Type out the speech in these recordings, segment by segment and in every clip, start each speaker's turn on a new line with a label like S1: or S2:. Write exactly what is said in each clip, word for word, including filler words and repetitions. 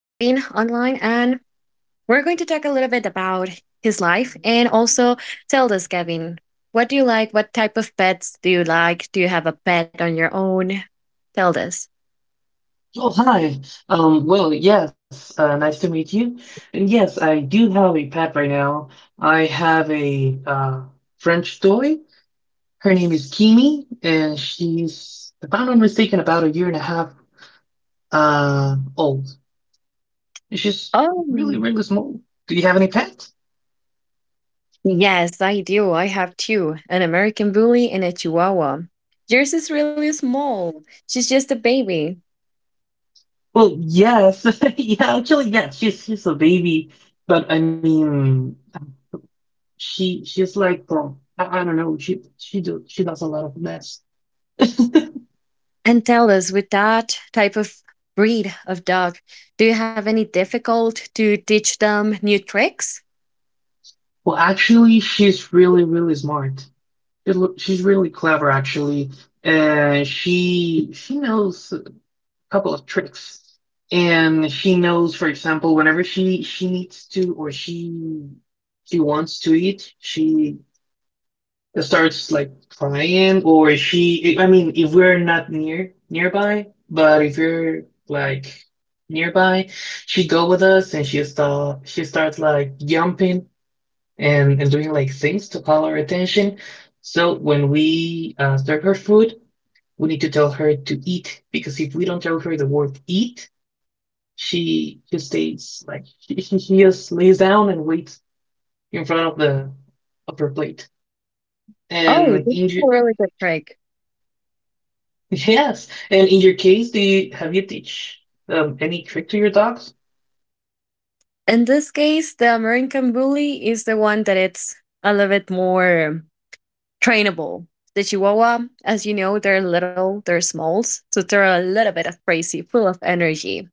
S1: online, and we're going to talk a little bit about his life and also tell us, Kevin, what do you like? What type of pets do you like? Do you have a pet on your own? Tell us.
S2: Oh, hi. Um, well, yes, uh, nice to meet you. And yes, I do have a pet right now. I have a uh, French toy. Her name is Kimi, and she's, if I'm not mistaken, about a year and a half uh, old. And she's really,
S1: Oh,
S2: really small. Do you have any pets?
S1: yes, I do. I have two, an American bully and a chihuahua. Yours is really small, she's just a baby.
S2: Well, yes. Yeah, actually, yes. She's she's a baby, but I mean, she she's like, um, I, I don't know. She she do she does a lot of mess.
S1: And tell us, with that type of breed of dog, do you have any difficult to teach them new tricks?
S2: Well, actually, she's really, really smart. She lo- She's really clever, actually, and she she knows a couple of tricks. And she knows, for example, whenever she she needs to or she she wants to eat, she starts like crying, or she. I mean, if we're not near nearby, but if you're like nearby, she go with us and she start she starts like jumping and and doing like things to call her attention. So when we uh, serve her food, we need to tell her to eat because if we don't tell her the word eat, she just stays like she, she she just lays down and waits in front of the of her plate.
S1: Oh, this
S2: And
S1: is
S2: in your,
S1: a really good trick.
S2: yes, and in your case, do you have you teach um, any trick to your dogs?
S1: In this case, the American Bully is the one that it's a little bit more trainable. The Chihuahua, as you know, they're little, they're smalls, so they're a little bit of crazy, full of energy.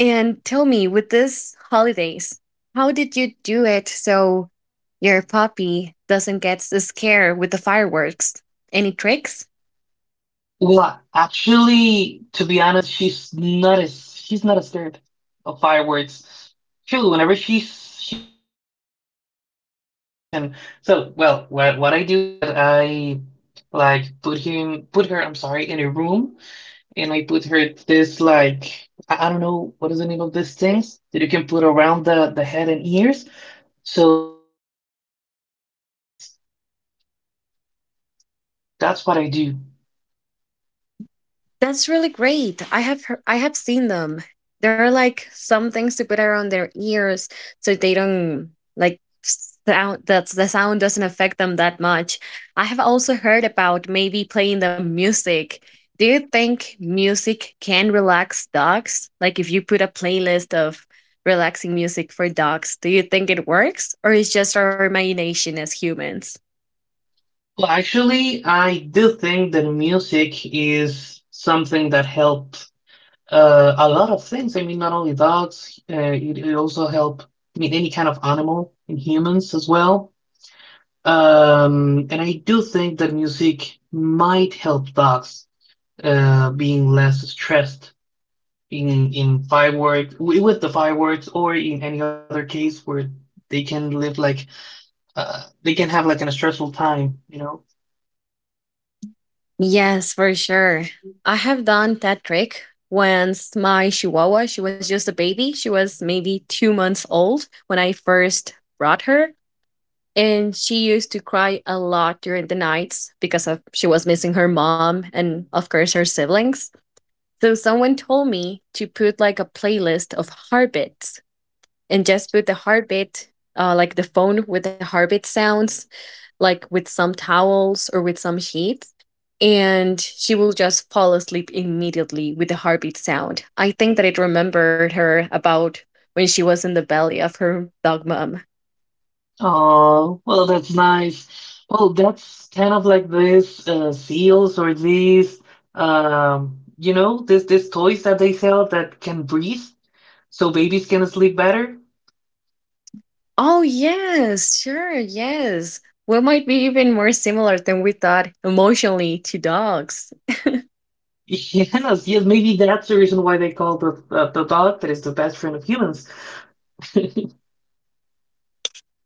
S1: And tell me, with this holidays, how did you do it so your puppy doesn't get scared with the fireworks? Any tricks?
S2: Well, actually, to be honest, she's not as she's not as scared of fireworks. True, whenever she s- she sees a firework, she wants to eat it for some reason. So, well, what what I do is that I like put him put her, I'm sorry, in a room, and I put her this like I, I don't know what is the name of these things that you can put around the the head and ears so they doesn't listen all the fireworks. That's what I do.
S1: That's really great. I have hear I have seen them. There are like some things to put around their ears so they don't like sound, that the sound doesn't affect them that much. I have also heard about maybe playing the music. Do you think music can relax dogs? Like, if you put a playlist of relaxing music for dogs, do you think it works or is just our imagination as humans?
S2: Well, actually, I do think that music is something that helped uh, a lot of things. I mean, not only dogs, uh, it, it also help. I mean, any kind of animal and humans as well. Um, and I do think that music might help dogs uh, being less stressed in in fireworks wi- with the fireworks or in any other case where they can live like uh, they can have like an stressful time, you know.
S1: Yes, for sure. I have done that trick once. My chihuahua, she was just a baby. She was maybe two months old when I first brought her. And she used to cry a lot during the nights because of she was missing her mom and, of course, her siblings. So someone told me to put like a playlist of heartbeats and just put the heartbeat, uh, like the phone with the heartbeat sounds, like with some towels or with some sheets, and she will just fall asleep immediately with the heartbeat sound. I think that it remembered her about when she was in the belly of her dog mom.
S2: Oh, well, that's nice. Well, that's kind of like this uh, seals or these um, you know, this this toys that they sell that can breathe, so babies can sleep better.
S1: Oh, yes, sure, yes. We might be even more similar than we thought emotionally to dogs.
S2: Yes, yes, maybe that's the reason why they call the the, the dog that is the best friend of humans.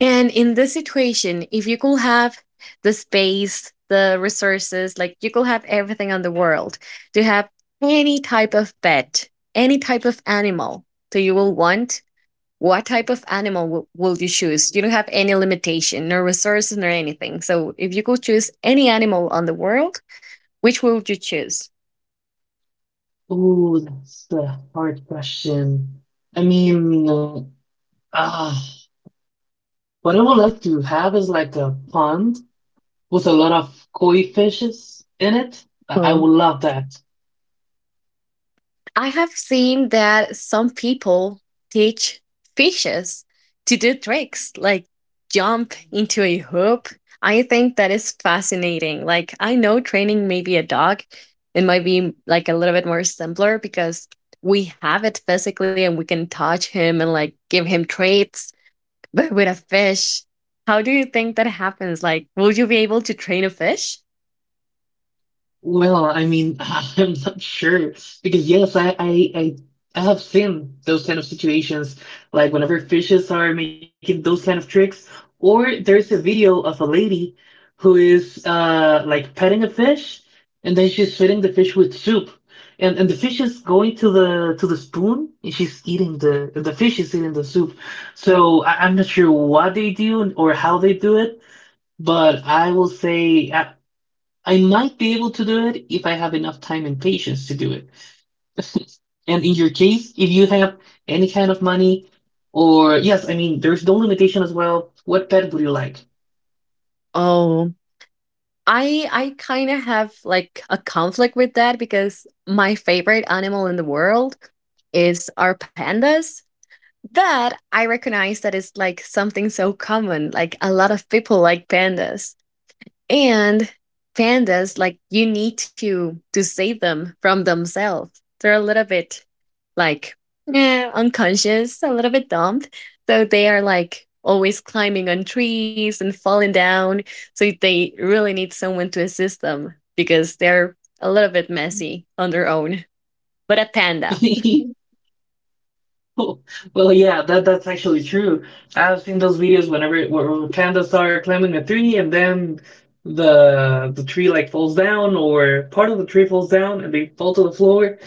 S1: And in this situation, if you could have the space, the resources, like you could have everything on the world to have any type of pet, any type of animal that you will want, what type of animal w- will you choose? You don't have any limitation, no resources, nor anything. So if you could choose any animal on the world, which would you choose?
S2: Oh, that's a hard question. I mean, uh, ah, what I would like to have is like a pond with a lot of koi fishes in it. I would love that.
S1: I have seen that some people teach fishes to do tricks like jump into a hoop. I think that is fascinating. Like, I know training maybe a dog, it might be like a little bit more simpler because we have it physically and we can touch him and like give him treats. But with a fish, how do you think that happens? Like, will you be able to train a fish?
S2: Well, I mean, I'm not sure because yes, I, I, I, I have seen those kind of situations, like whenever fishes are making those kind of tricks, or there's a video of a lady who is uh like petting a fish, and then she's feeding the fish with soup, and and the fish is going to the to the spoon, and she's eating the the fish is eating the soup. So I, I'm not sure what they do or how they do it, but I will say I, I might be able to do it if I have enough time and patience to do it. And in your case, if you have any kind of money, or yes, I mean, there's no limitation as well. What pet would you like?
S1: I I kind of have like a conflict with that because my favorite animal in the world is our pandas. That I recognize that it's like something so common. Like, a lot of people like pandas. And pandas, like, you need to to save them from themselves. They're a little bit like eh, unconscious, a little bit dumb. So they are like always climbing on trees and falling down. So they really need someone to assist them because they're a little bit messy on their own. But a panda.
S2: Well, yeah, that that's actually true. I've seen those videos whenever where where pandas are climbing a tree and then the the tree like falls down or part of the tree falls down and they fall to the floor.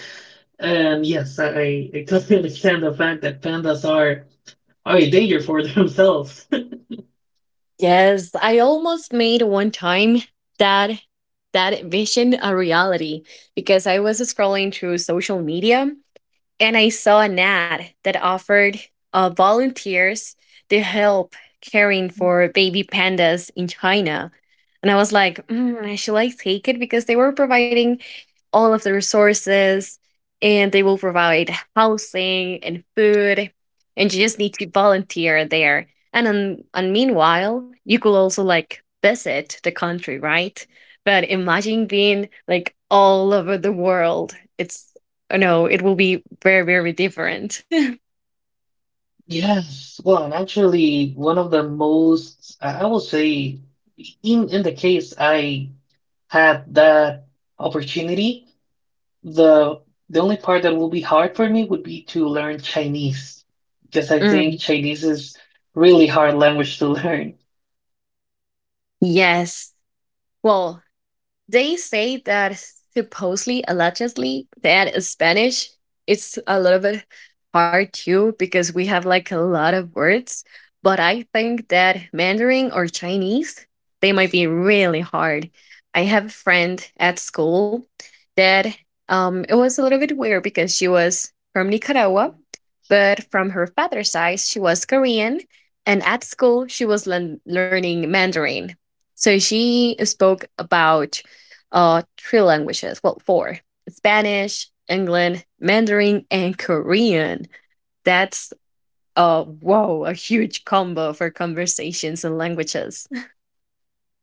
S2: And yes, I, I totally understand the fact that pandas are are a danger for themselves.
S1: Yes, I almost made one time that that vision a reality because I was scrolling through social media and I saw an ad that offered uh, volunteers to help caring for baby pandas in China. And I was like, mm, should I take it? Because they were providing all of the resources and they will provide housing and food and you just need to volunteer there and on, and meanwhile you could also like visit the country, right? But imagine being like all over the world. It's no it will be very very different.
S2: Yes, well, and actually, one of the most, I I will say, in in the case I had that opportunity, the the only part that will be hard for me would be to learn Chinese, because I think
S1: Mm,
S2: Chinese is really hard language to learn.
S1: yes. Well, they say that, supposedly, allegedly, that Spanish it's a little bit hard too because we have like a lot of words. But I think that Mandarin or Chinese, they might be really hard. I have a friend at school that, um, it was a little bit weird because she was from Nicaragua, but from her father's side, she was Korean. And at school, she was learn learning Mandarin. So she spoke about uh, three languages. Well, four: Spanish, English, Mandarin, and Korean. That's uh, whoa, a huge combo for conversations and languages.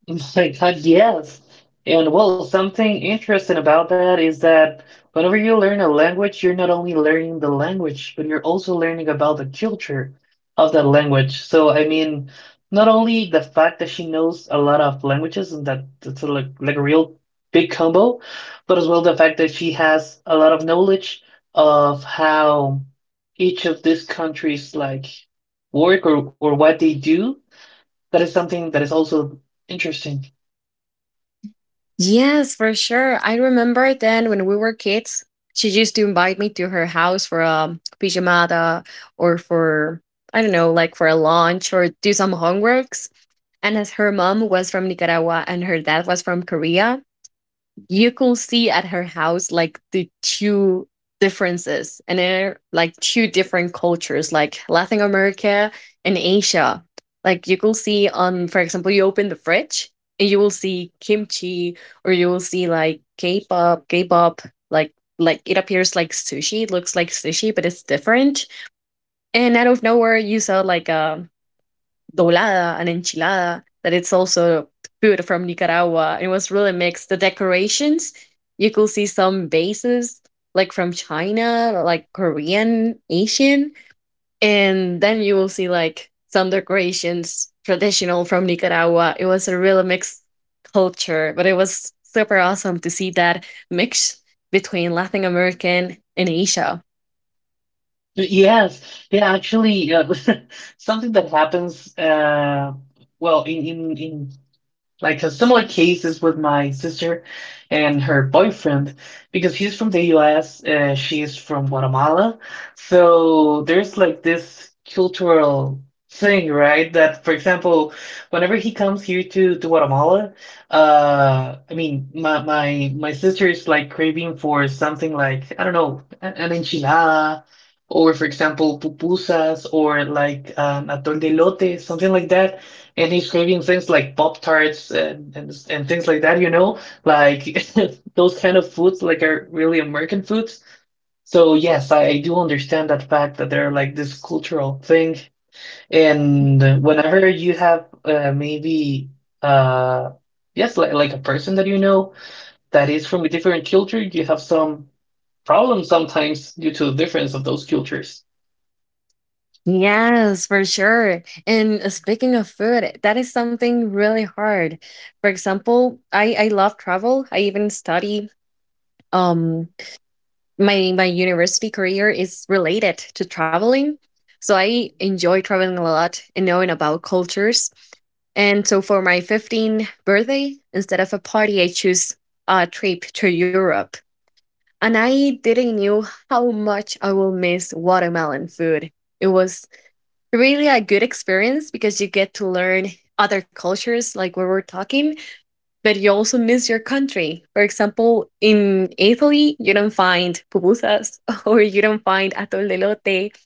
S2: My God, yes. And well, something interesting about that is that whenever you learn a language, you're not only learning the language, but you're also learning about the culture of that language. So, I mean, not only the fact that she knows a lot of languages and that that's a, like like a real big combo, but as well the fact that she has a lot of knowledge of how each of these countries like work or, or what they do. That is something that is also interesting.
S1: Yes, for sure. I remember then when we were kids, she used to invite me to her house for a pijamada or for, I don't know, like for a lunch or do some homeworks. And as her mom was from Nicaragua and her dad was from Korea, you can see at her house like the two differences, and they're like two different cultures, like Latin America and Asia. Like, you can see on, for example, you open the fridge and you will see kimchi, or you will see like k-pop k-pop, like like it appears like sushi, it looks like sushi, but it's different. And out of nowhere you saw like a doblada, an enchilada, that it's also food from Nicaragua. It was really mixed. The decorations, you could see some bases like from China, like Korean, Asian, and then you will see like some decorations traditional from Nicaragua. It was a really mixed culture, but it was super awesome to see that mix between Latin American and Asia.
S2: Yes, yeah, actually, uh, something that happens, uh, well, in, in, in like a similar case is with my sister and her boyfriend, because he's from the U S, uh, she is from Guatemala. So there's like this cultural thing, right? That, for example, whenever he comes here to, to Guatemala, uh, I mean, my, my, my sister is like craving for something like, I don't know, an an enchilada or for example pupusas or like um, atol de elote, something like that. And he's craving things like Pop Tarts and, and and things like that, you know, like those kind of foods like are really American foods. So yes, I, I do understand that fact that they're like this cultural thing. And whenever you have uh, maybe uh yes, like like a person that you know that is from a different culture, you have some problems sometimes due to the difference of those cultures.
S1: Yes, for sure. And uh, speaking of food, eh, that is something really hard. For example, I I love travel. I even study, um my my university career is related to traveling. So I enjoy traveling a lot and knowing about cultures. And so for my fifteenth birthday, instead of a party, I choose a trip to Europe. And I didn't knew how much I will miss watermelon food. It was really a good experience because you get to learn other cultures, like we were talking, but you also miss your country. For example, in Italy you don't find pupusas or you don't find atol de lote,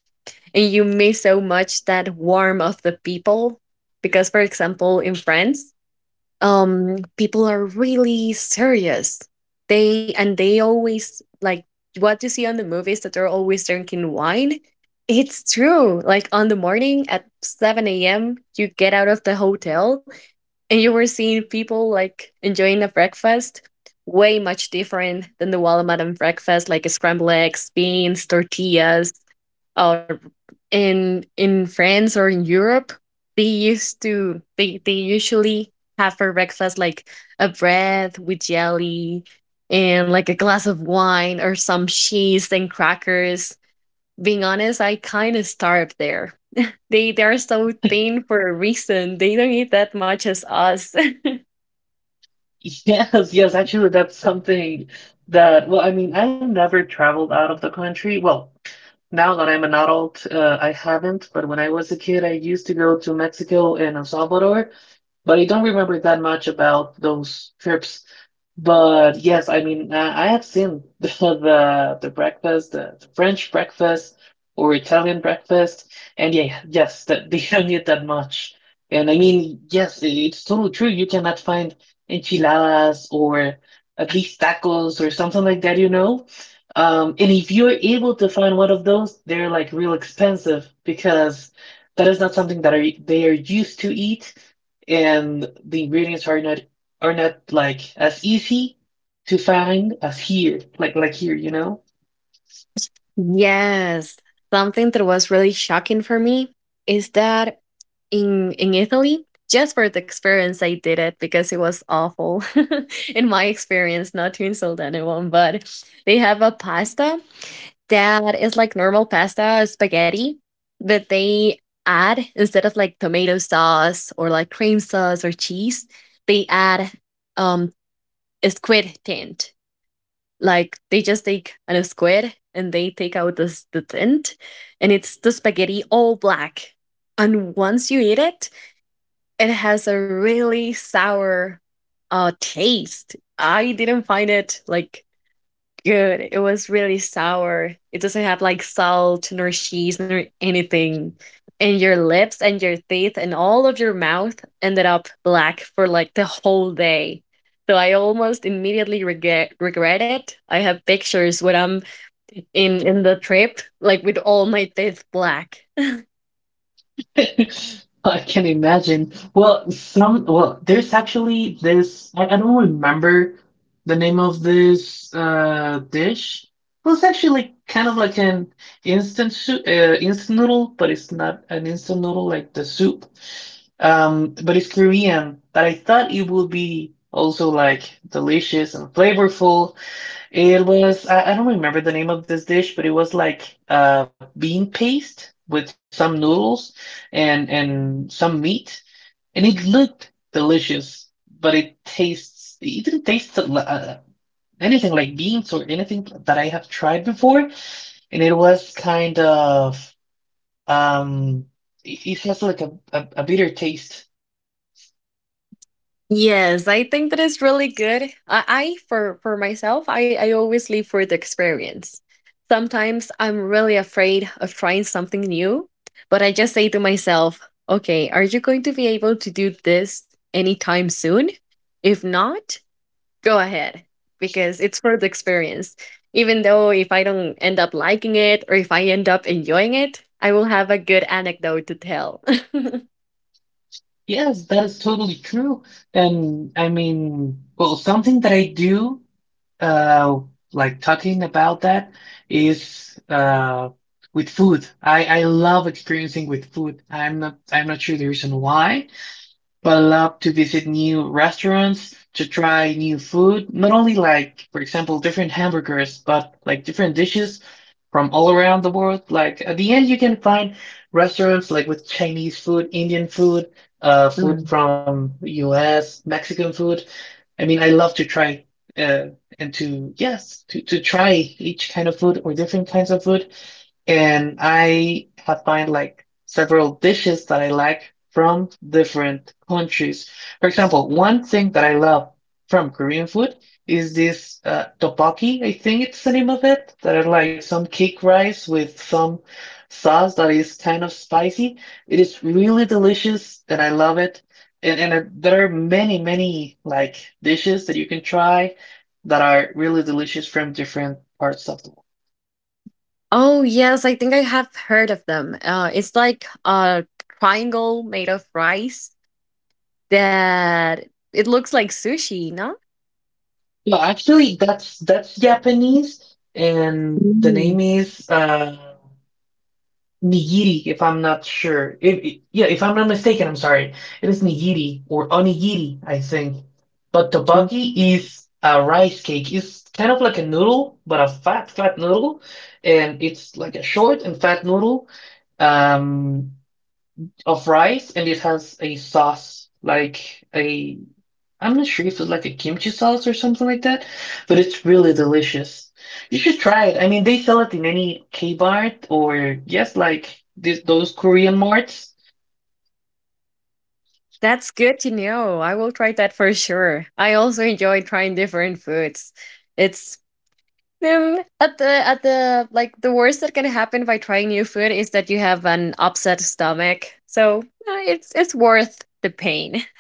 S1: and you miss so much that warmth of the people. Because, for example, in France, um people are really serious, they and they always, like what you see on the movies, that they're always drinking wine. It's true, like on the morning at seven a.m. you get out of the hotel and you were seeing people like enjoying a breakfast way much different than the Walmart and breakfast like scrambled eggs, beans, tortillas. uh, in in France or in Europe, they used to they they usually have for breakfast like a bread with jelly and like a glass of wine or some cheese and crackers. Being honest, I kind of starved there. They they are so thin for a reason. They don't eat that much as us.
S2: Yes, yes, actually, that's something that, well, I mean, I've never traveled out of the country. Well, now that I'm an adult, uh, I haven't, but when I was a kid, I used to go to Mexico and El Salvador, but I don't remember that much about those trips. But yes, I mean, I, I have seen the, the the breakfast, the, the French breakfast or Italian breakfast, and yeah, yes, that they don't eat that much. And I mean, yes, it- it's totally true. You cannot find enchiladas or at least tacos or something like that, you know. Um, and if you're able to find one of those, they're like real expensive because that is not something that are they are used to eat and the ingredients are not are not like as easy to find as here, like like here, you know?
S1: Yes. Something that was really shocking for me is that in in Italy, just for the experience I did it because it was awful, in my experience, not to insult anyone, but they have a pasta that is like normal pasta spaghetti, but they add, instead of like tomato sauce or like cream sauce or cheese, they add um a squid tint. Like, they just take an squid and they take out this the tint, and it's the spaghetti all black. And once you eat it, it has a really sour uh taste. I didn't find it like good. It was really sour. It doesn't have like salt nor cheese nor anything. And your lips and your teeth and all of your mouth ended up black for like the whole day. So I almost immediately regret regret it. I have pictures when I'm in in the trip, like with all my teeth black.
S2: I can imagine. Well, some well, there's actually this I, I don't remember the name of this uh dish. Well, it's actually kind of like an instant soup, uh, instant noodle, but it's not an instant noodle like the soup. Um, but it's Korean, but I thought it would be also like delicious and flavorful. It was, I, I don't remember the name of this dish, but it was like uh bean paste with some noodles and and some meat, and it looked delicious, but it tastes, it didn't taste uh, anything like beans or anything that I have tried before, and it was kind of um it, it has like a, a a bitter taste.
S1: Yes, I think that is really good. I, I for for myself, I I always live for the experience. Sometimes I'm really afraid of trying something new, but I just say to myself, "Okay, are you going to be able to do this anytime soon? If not, go ahead because it's for the experience." Even though if I don't end up liking it or if I end up enjoying it, I will have a good anecdote to tell.
S2: Yes, that is totally true. And I mean, well, something that I do. Uh like talking about that is uh with food. I I love experiencing with food. I'm not I'm not sure the reason why, but I love to visit new restaurants, to try new food, not only like, for example, different hamburgers, but like different dishes from all around the world. Like at the end, you can find restaurants like with Chinese food, Indian food, uh, food from U S, Mexican food. I mean, I love to try, uh, and to, yes, to, to try each kind of food or different kinds of food and I have find like several dishes that I like from different countries. For example, one thing that I love from Korean food is this uh, tteokbokki, I think it's the name of it, that are like some cake rice with some sauce that is kind of spicy. It is really delicious and I love it. And, and uh, there are many, many like dishes that you can try that are really delicious from different parts of the world.
S1: Oh yes, I think I have heard of them. Uh, it's like a triangle made of rice that it looks like sushi, no?
S2: No, actually, that's that's Japanese, and the name
S1: Mm.
S2: is uh, nigiri. If I'm not sure, if, I- yeah, if I'm not mistaken, I'm sorry. It is nigiri or onigiri, I think. But
S1: Mm.
S2: tteokbokki is a rice cake. It's kind of like a noodle, but a fat, fat noodle, and it's like a short and fat noodle um, of rice, and it has a sauce, like a I'm not sure if it's like a kimchi sauce or something like that, but it's really delicious. You should try it. I mean, they sell it in any K-Mart or yes, like this, those Korean marts.
S1: That's good to know. I will try that for sure. I also enjoy trying different foods. It's, um, at the at the like the worst that can happen by trying new food is that you have an upset stomach. So uh, it's it's worth the pain.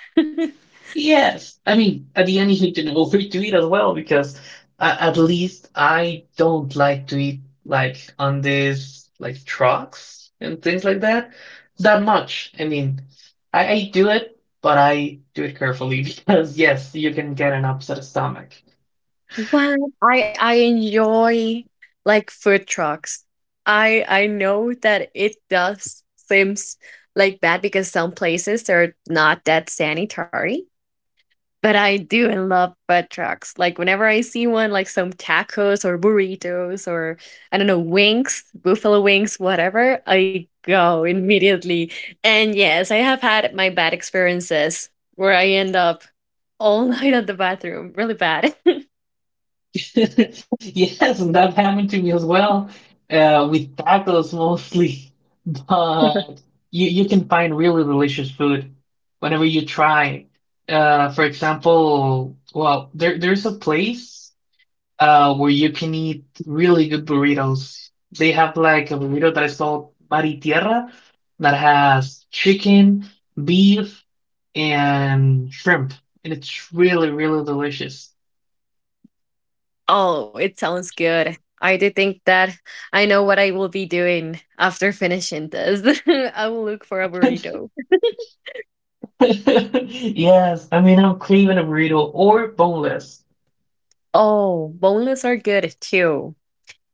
S2: Yes. I mean, at the end, you need to know where to eat as well because uh, at least I don't like to eat like on these like trucks and things like that that much. I mean, I, I do it, but I do it carefully because yes, you can get an upset stomach.
S1: Well, I I enjoy like food trucks. I I know that it does seems like bad because some places they're not that sanitary. But I do love food trucks. Like whenever I see one, like some tacos or burritos or I don't know, wings, buffalo wings, whatever, I go immediately. And yes, I have had my bad experiences where I end up all night at the bathroom, really bad.
S2: Yes, that happened to me as well, uh, with tacos mostly. But you you can find really delicious food whenever you try. Uh, for example, well, there there's a place uh where you can eat really good burritos. They have like a burrito that is called Mar y Tierra that has chicken, beef, and shrimp, and it's really really delicious.
S1: Oh, it sounds good. I do think that I know what I will be doing after finishing this. I will look for a burrito.
S2: Yes, I mean, I'm craving a burrito or boneless.
S1: Oh, boneless are good too.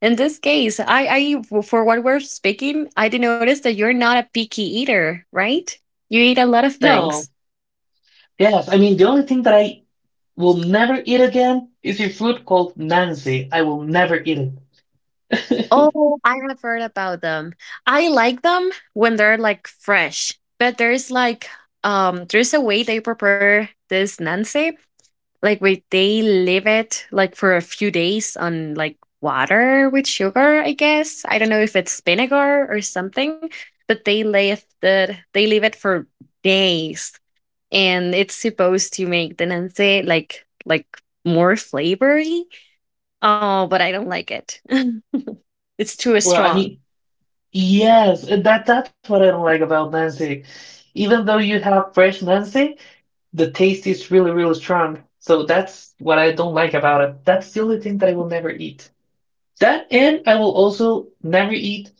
S1: In this case, I, I, for what we're speaking, I did notice that you're not a picky eater, right? You eat a lot of things.
S2: No, yes, I mean, the only thing that I will never eat again is a fruit called Nancy. I will never eat it.
S1: Oh, I have heard about them. I like them when they're like fresh, but there's like, um, there's a way they prepare this nance. Like, wait, they leave it like for a few days on like water with sugar, I guess. I don't know if it's vinegar or something, but they leave the they leave it for days, and it's supposed to make the nance like like more flavory. Oh, but I don't like it. It's too
S2: Well, I
S1: strong.
S2: mean, yes, that that's what I don't like about Nancy. Even though you have fresh Nancy, the taste is really, really strong. So that's what I don't like about it. That's the only thing that I will never eat. That and I will also never eat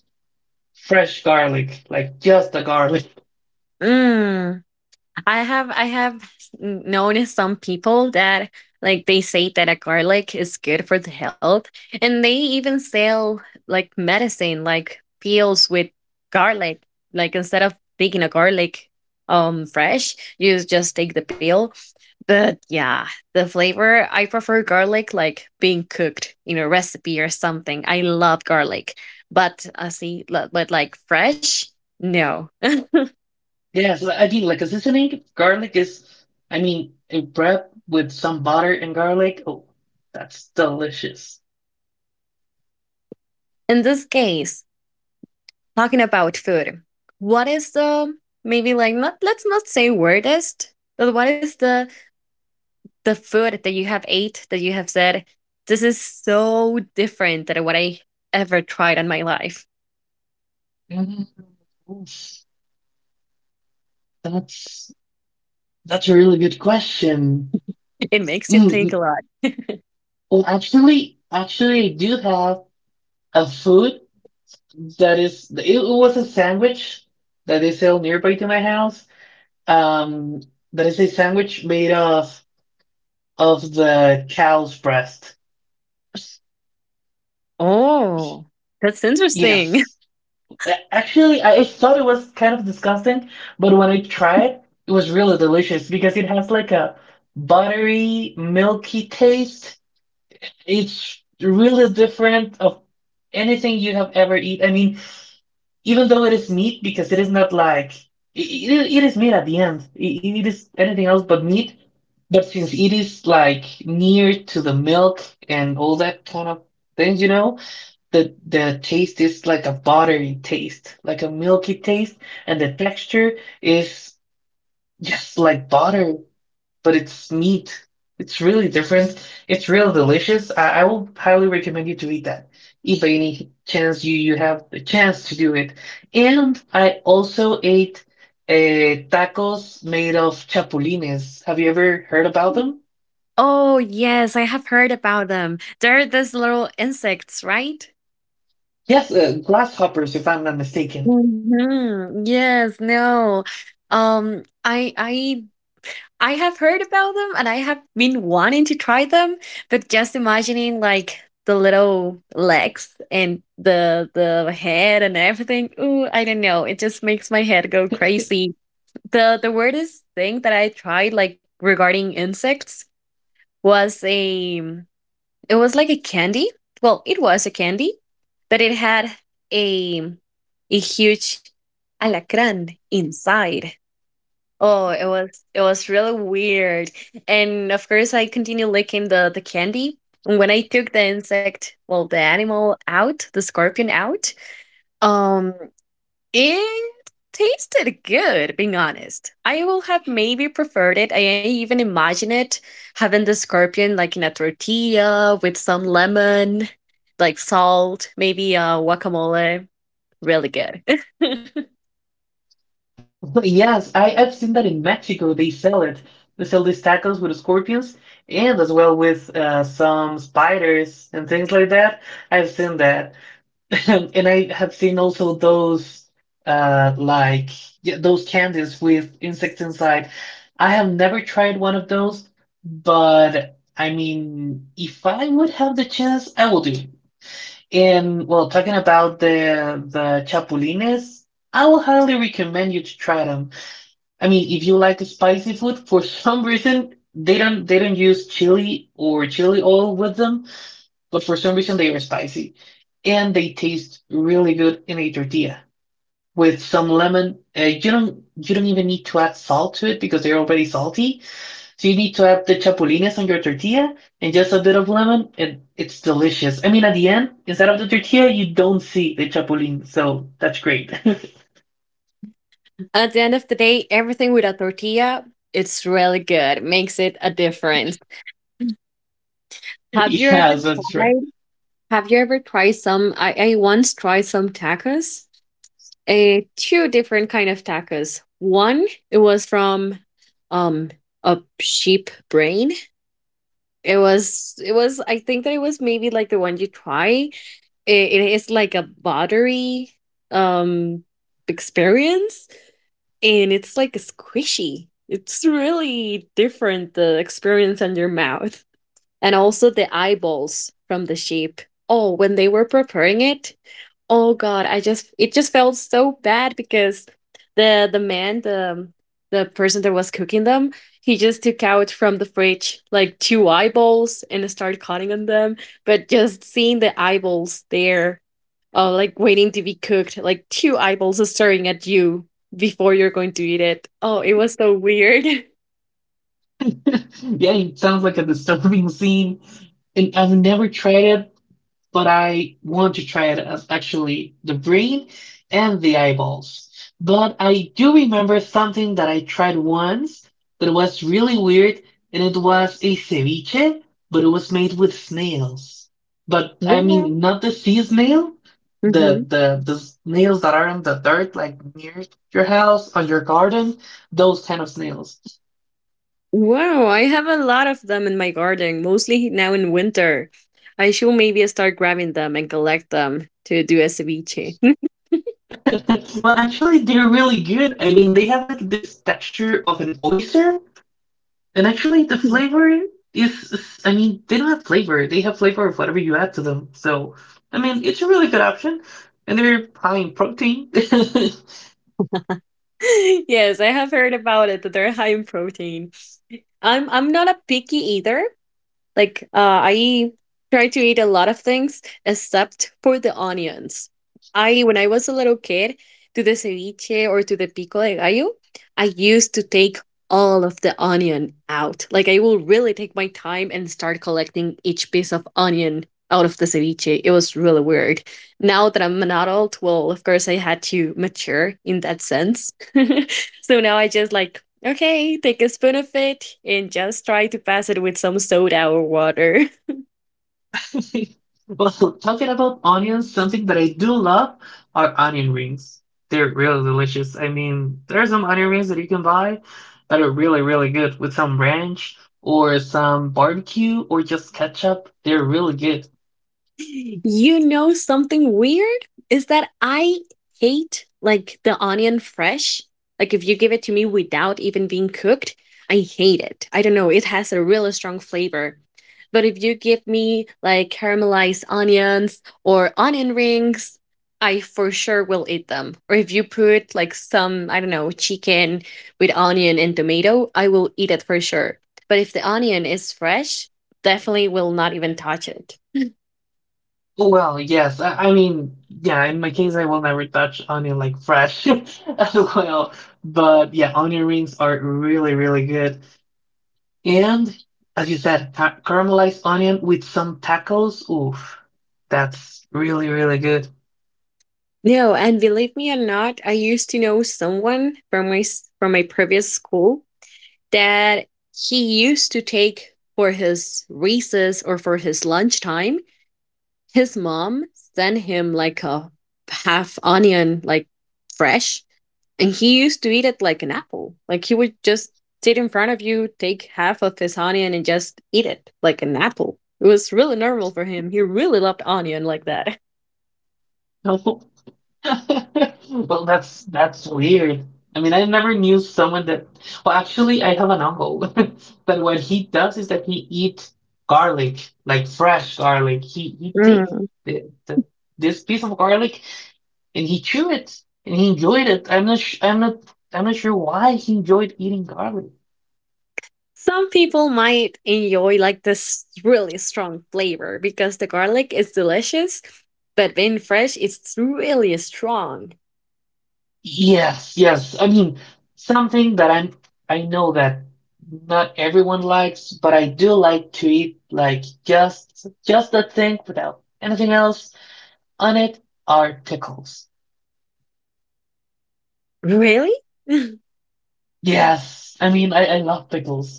S2: fresh garlic, like just the garlic.
S1: Mm. I have I have n- noticed some people that, like, they say that a garlic is good for the health, and they even sell like medicine, like pills with garlic. Like, instead of taking a garlic um fresh, you just take the pill. But yeah, the flavor, I prefer garlic like being cooked in a recipe or something. I love garlic, but uh, see, li- but like fresh, no.
S2: Yeah, so I think like a seasoning, garlic is, I mean, a wrap with some butter and garlic. Oh, that's delicious.
S1: In this case, talking about food, what is the, maybe like, not let's not say weirdest but what is the the food that you have ate that you have said, this is so different than what I ever tried in my life?
S2: Mm, oof, that's that's a really good question.
S1: It makes you
S2: Mm,
S1: think
S2: mm,
S1: a lot.
S2: well, actually, actually, I do have a food that is. It, it was a sandwich that they sell nearby to my house. Um, that is a sandwich made of of the cow's breast.
S1: Oh, that's
S2: Yeah.
S1: interesting.
S2: Actually, I I thought it was kind of disgusting, but when I tried, it was really delicious because it has like a buttery, milky taste. It's really different of anything you have ever eaten. I mean, even though it is meat, because it is not like it, it, it is meat at the end. It, it is anything else but meat. But since it is like near to the milk and all that kind of things, you know, the the taste is like a buttery taste, like a milky taste, and the texture is just like butter, but it's meat. It's really different. It's real delicious. I, I will highly recommend you to eat that if by any chance you you have the chance to do it. And I also ate uh, tacos made of chapulines. Have you ever heard about them?
S1: Oh yes, I have heard about them. They're these little insects, right?
S2: Yes, uh, grasshoppers, if I'm not mistaken.
S1: Hmm. Yes. No, um i i i have heard about them, and I have been wanting to try them, but just imagining like the little legs and the the head and everything. Ooh, I don't know. It just makes my head go crazy. The the weirdest thing that I tried, like, regarding insects, was a it was like a candy. Well, it was a candy, but it had a a huge alacran inside. Oh, it was it was really weird. And of course I continued licking the the candy. And when I took the insect, well, the animal out, the scorpion out, um it tasted good, being honest. I will have maybe preferred it. I even imagine it having the scorpion like in a tortilla with some lemon, like salt, maybe uh guacamole. Really good.
S2: Yes, I, I've seen that in Mexico. They sell it. They sell these tacos with scorpions and as well with uh, some spiders and things like that. I've seen that. And I have seen also those uh like yeah, those candies with insect inside. I have never tried one of those, but I mean, if I would have the chance, I will do. And well, talking about the the chapulines, I will highly recommend you to try them. I mean, if you like spicy food, for some reason they don't they don't use chili or chili oil with them, but for some reason they are spicy and they taste really good in a tortilla with some lemon. Uh, you don't you don't even need to add salt to it because they're already salty. So you need to add the chapulines on your tortilla and just a bit of lemon, and it's delicious. I mean, at the end, instead of the tortilla, you don't see the chapulines, so that's great.
S1: At the end of the day, everything with a tortilla, it's really good. Makes it a difference. Have you ever
S2: Yes, that's right.
S1: tried? Have you ever tried some? I, I once tried some tacos. Uh, two different kind of tacos. One, it was from um a sheep brain. It was it was I think that it was maybe like the one you try. It, it is like a buttery um experience, and it's like a squishy. It's really different, the experience on your mouth. And also the eyeballs from the sheep. Oh, when they were preparing it, oh god, I just it just felt so bad because the the man, the the person that was cooking them, he just took out from the fridge like two eyeballs and started cutting on them. But just seeing the eyeballs there, uh, like, waiting to be cooked, like two eyeballs staring at you before you're going to eat it. Oh, it was so weird.
S2: Yeah, it sounds like a disturbing scene. And I've never tried it, but I want to try it as actually the brain and the eyeballs. But I do remember something that I tried once that was really weird, and it was a ceviche, but it was made with snails. But I
S1: Well,
S2: mean, not the sea snail, the
S1: hmm
S2: the the snails that are in the dirt, like near your house or your garden, those kind of snails.
S1: wow, I have a lot of them in my garden, mostly now in winter. I should maybe start grabbing them and collect them to do a ceviche.
S2: Well, actually, they're really good. I mean, they have like this texture of an oyster. And actually, the flavor is, is- I mean, they don't have flavor. They have flavor of whatever you add to them. So, I mean, it's a really good option. And they're high in protein.
S1: Yes, I have heard about it, that they're high in protein. I'm I'm not a picky eater. Like, uh, I try to eat a lot of things except for the onions. I When I was a little kid, to the ceviche or to the pico de gallo, I used to take all of the onion out. Like, I will really take my time and start collecting each piece of onion out of the ceviche. It was really weird. Now that I'm an adult, well, of course I had to mature in that sense. So now I just, like, okay, take a spoon of it and just try to pass it with some soda or water.
S2: Well, talking about onions, something that I do love are onion rings. They're really delicious. I mean, there are some onion rings that you can buy that are really, really good with some ranch or some barbecue or just ketchup. They're really good.
S1: You know something weird is that I hate like the onion fresh. Like, if you give it to me without even being cooked, I hate it. I don't know, it has a really strong flavor. But if you give me like caramelized onions or onion rings, I for sure will eat them. Or if you put like some, I don't know, chicken with onion and tomato, I will eat it for sure. But if the onion is fresh, definitely will not even touch it.
S2: Well, yes. I, I mean, yeah, in my case, I will never touch onion like fresh as well. But yeah, onion rings are really, really good. And as you said, ca caramelized onion with some tacos. Oof, that's really, really good.
S1: No, and believe me or not, I used to know someone from my s- from my previous school that he used to take for his recess or for his lunchtime, his mom sent him like a half onion, like fresh, and he used to eat it like an apple. Like, he would just sit in front of you, take half of his onion, and just eat it like an apple. It was really normal for him. He really loved onion like that.
S2: Well, that's that's weird. I mean, I never knew someone that. Well, actually, I have an uncle, but what he does is that he eats garlic, like fresh garlic. He he take
S1: Mm.
S2: the, the this piece of garlic and he chew it, and he enjoyed it. I'm not sh I'm not I'm not sure why he enjoyed eating garlic.
S1: Some people might enjoy like this really strong flavor, because the garlic is delicious, but when fresh, it's really strong.
S2: Yes, yes. I mean, something that I'm, I know that not everyone likes, but I do like to eat like just just that thing without anything else on it are pickles.
S1: Really?
S2: Yes, I mean, I, I love pickles.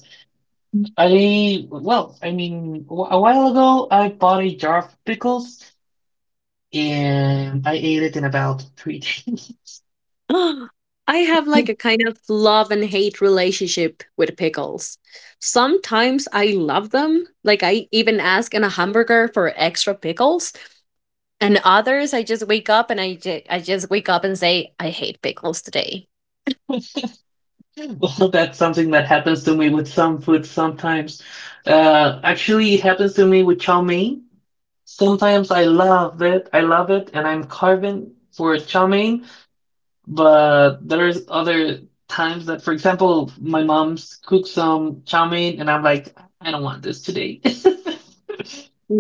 S2: I, well, I mean, wh- a while ago I bought a jar of pickles and I ate it in about three days.
S1: I have like a kind of love and hate relationship with pickles. Sometimes I love them, like I even ask in a hamburger for extra pickles, and others I just wake up and I ju- I just wake up and say I hate pickles today.
S2: Well, that's something that happens to me with some food sometimes. Uh, actually, it happens to me with chow mein. Sometimes I love it, I love it, and I'm carving for chow mein. But there's other times that, for example, my mom's cooked some chow mein, and I'm like, I don't want this today.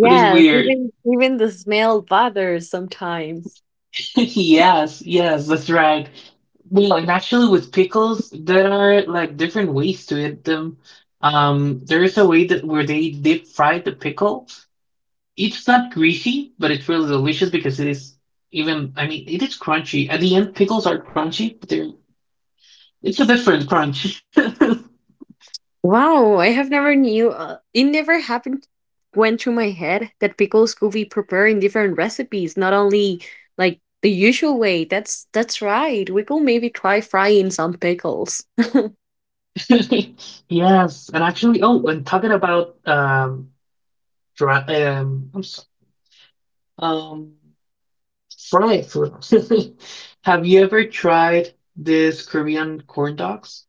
S2: But it's weird.
S1: even even the smell bothers sometimes.
S2: Yes, yes, that's right. Well, and actually, with pickles, there are like different ways to eat them. Um, there is a way that where they deep fry the pickle. It's not greasy, but it's really delicious because it is even, I mean, it is crunchy. At the end, pickles are crunchy, but they're it's a different crunch.
S1: Wow, I have never knew. Uh, it never happened, went through my head that pickles could be prepared in different recipes, not only like the usual way. That's that's right. We could maybe try frying some pickles.
S2: Yes, and actually, oh, and talking about um, dry, um, I'm sorry, um. fried food. Have you ever tried these Korean corn dogs?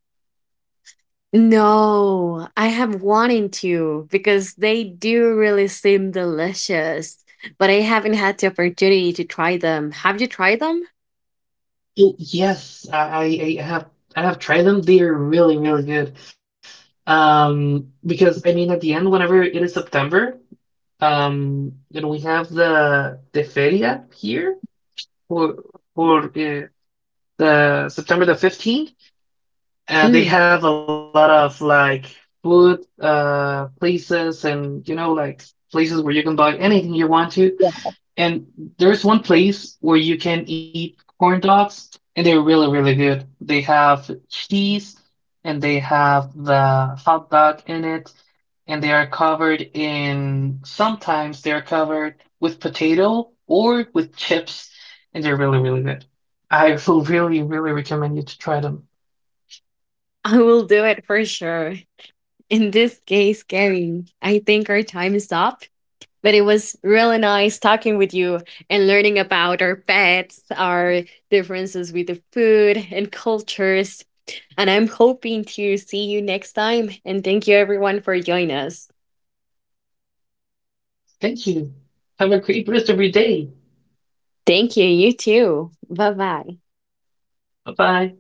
S1: No, I have wanted to because they do really seem delicious, but I haven't had the opportunity to try them. Have you tried them?
S2: Oh, yes, I, I I have I have tried them. They are really, really good. Um, because I mean, at the end, whenever it is September, um, and we have the the feria here for for uh, the September the fifteenth, uh, they
S1: Mm,
S2: have a lot of like food uh places and you know like places where you can buy anything you want to. And there's one place where you can eat corn dogs, and they're really, really good. They have cheese and they have the hot dog in it, and they are covered in, sometimes they're covered with potato or with chips, and they're really, really good. I will really, really recommend you to try them.
S1: I will do it for sure. In this case, Kevin, I think our time is up, but it was really nice talking with you and learning about our pets, our differences with the food and cultures. And I'm hoping to see you next time. And thank you, everyone, for joining us.
S2: Thank you. Have a great rest of your day.
S1: Thank you. You too. Bye bye.
S2: Bye bye.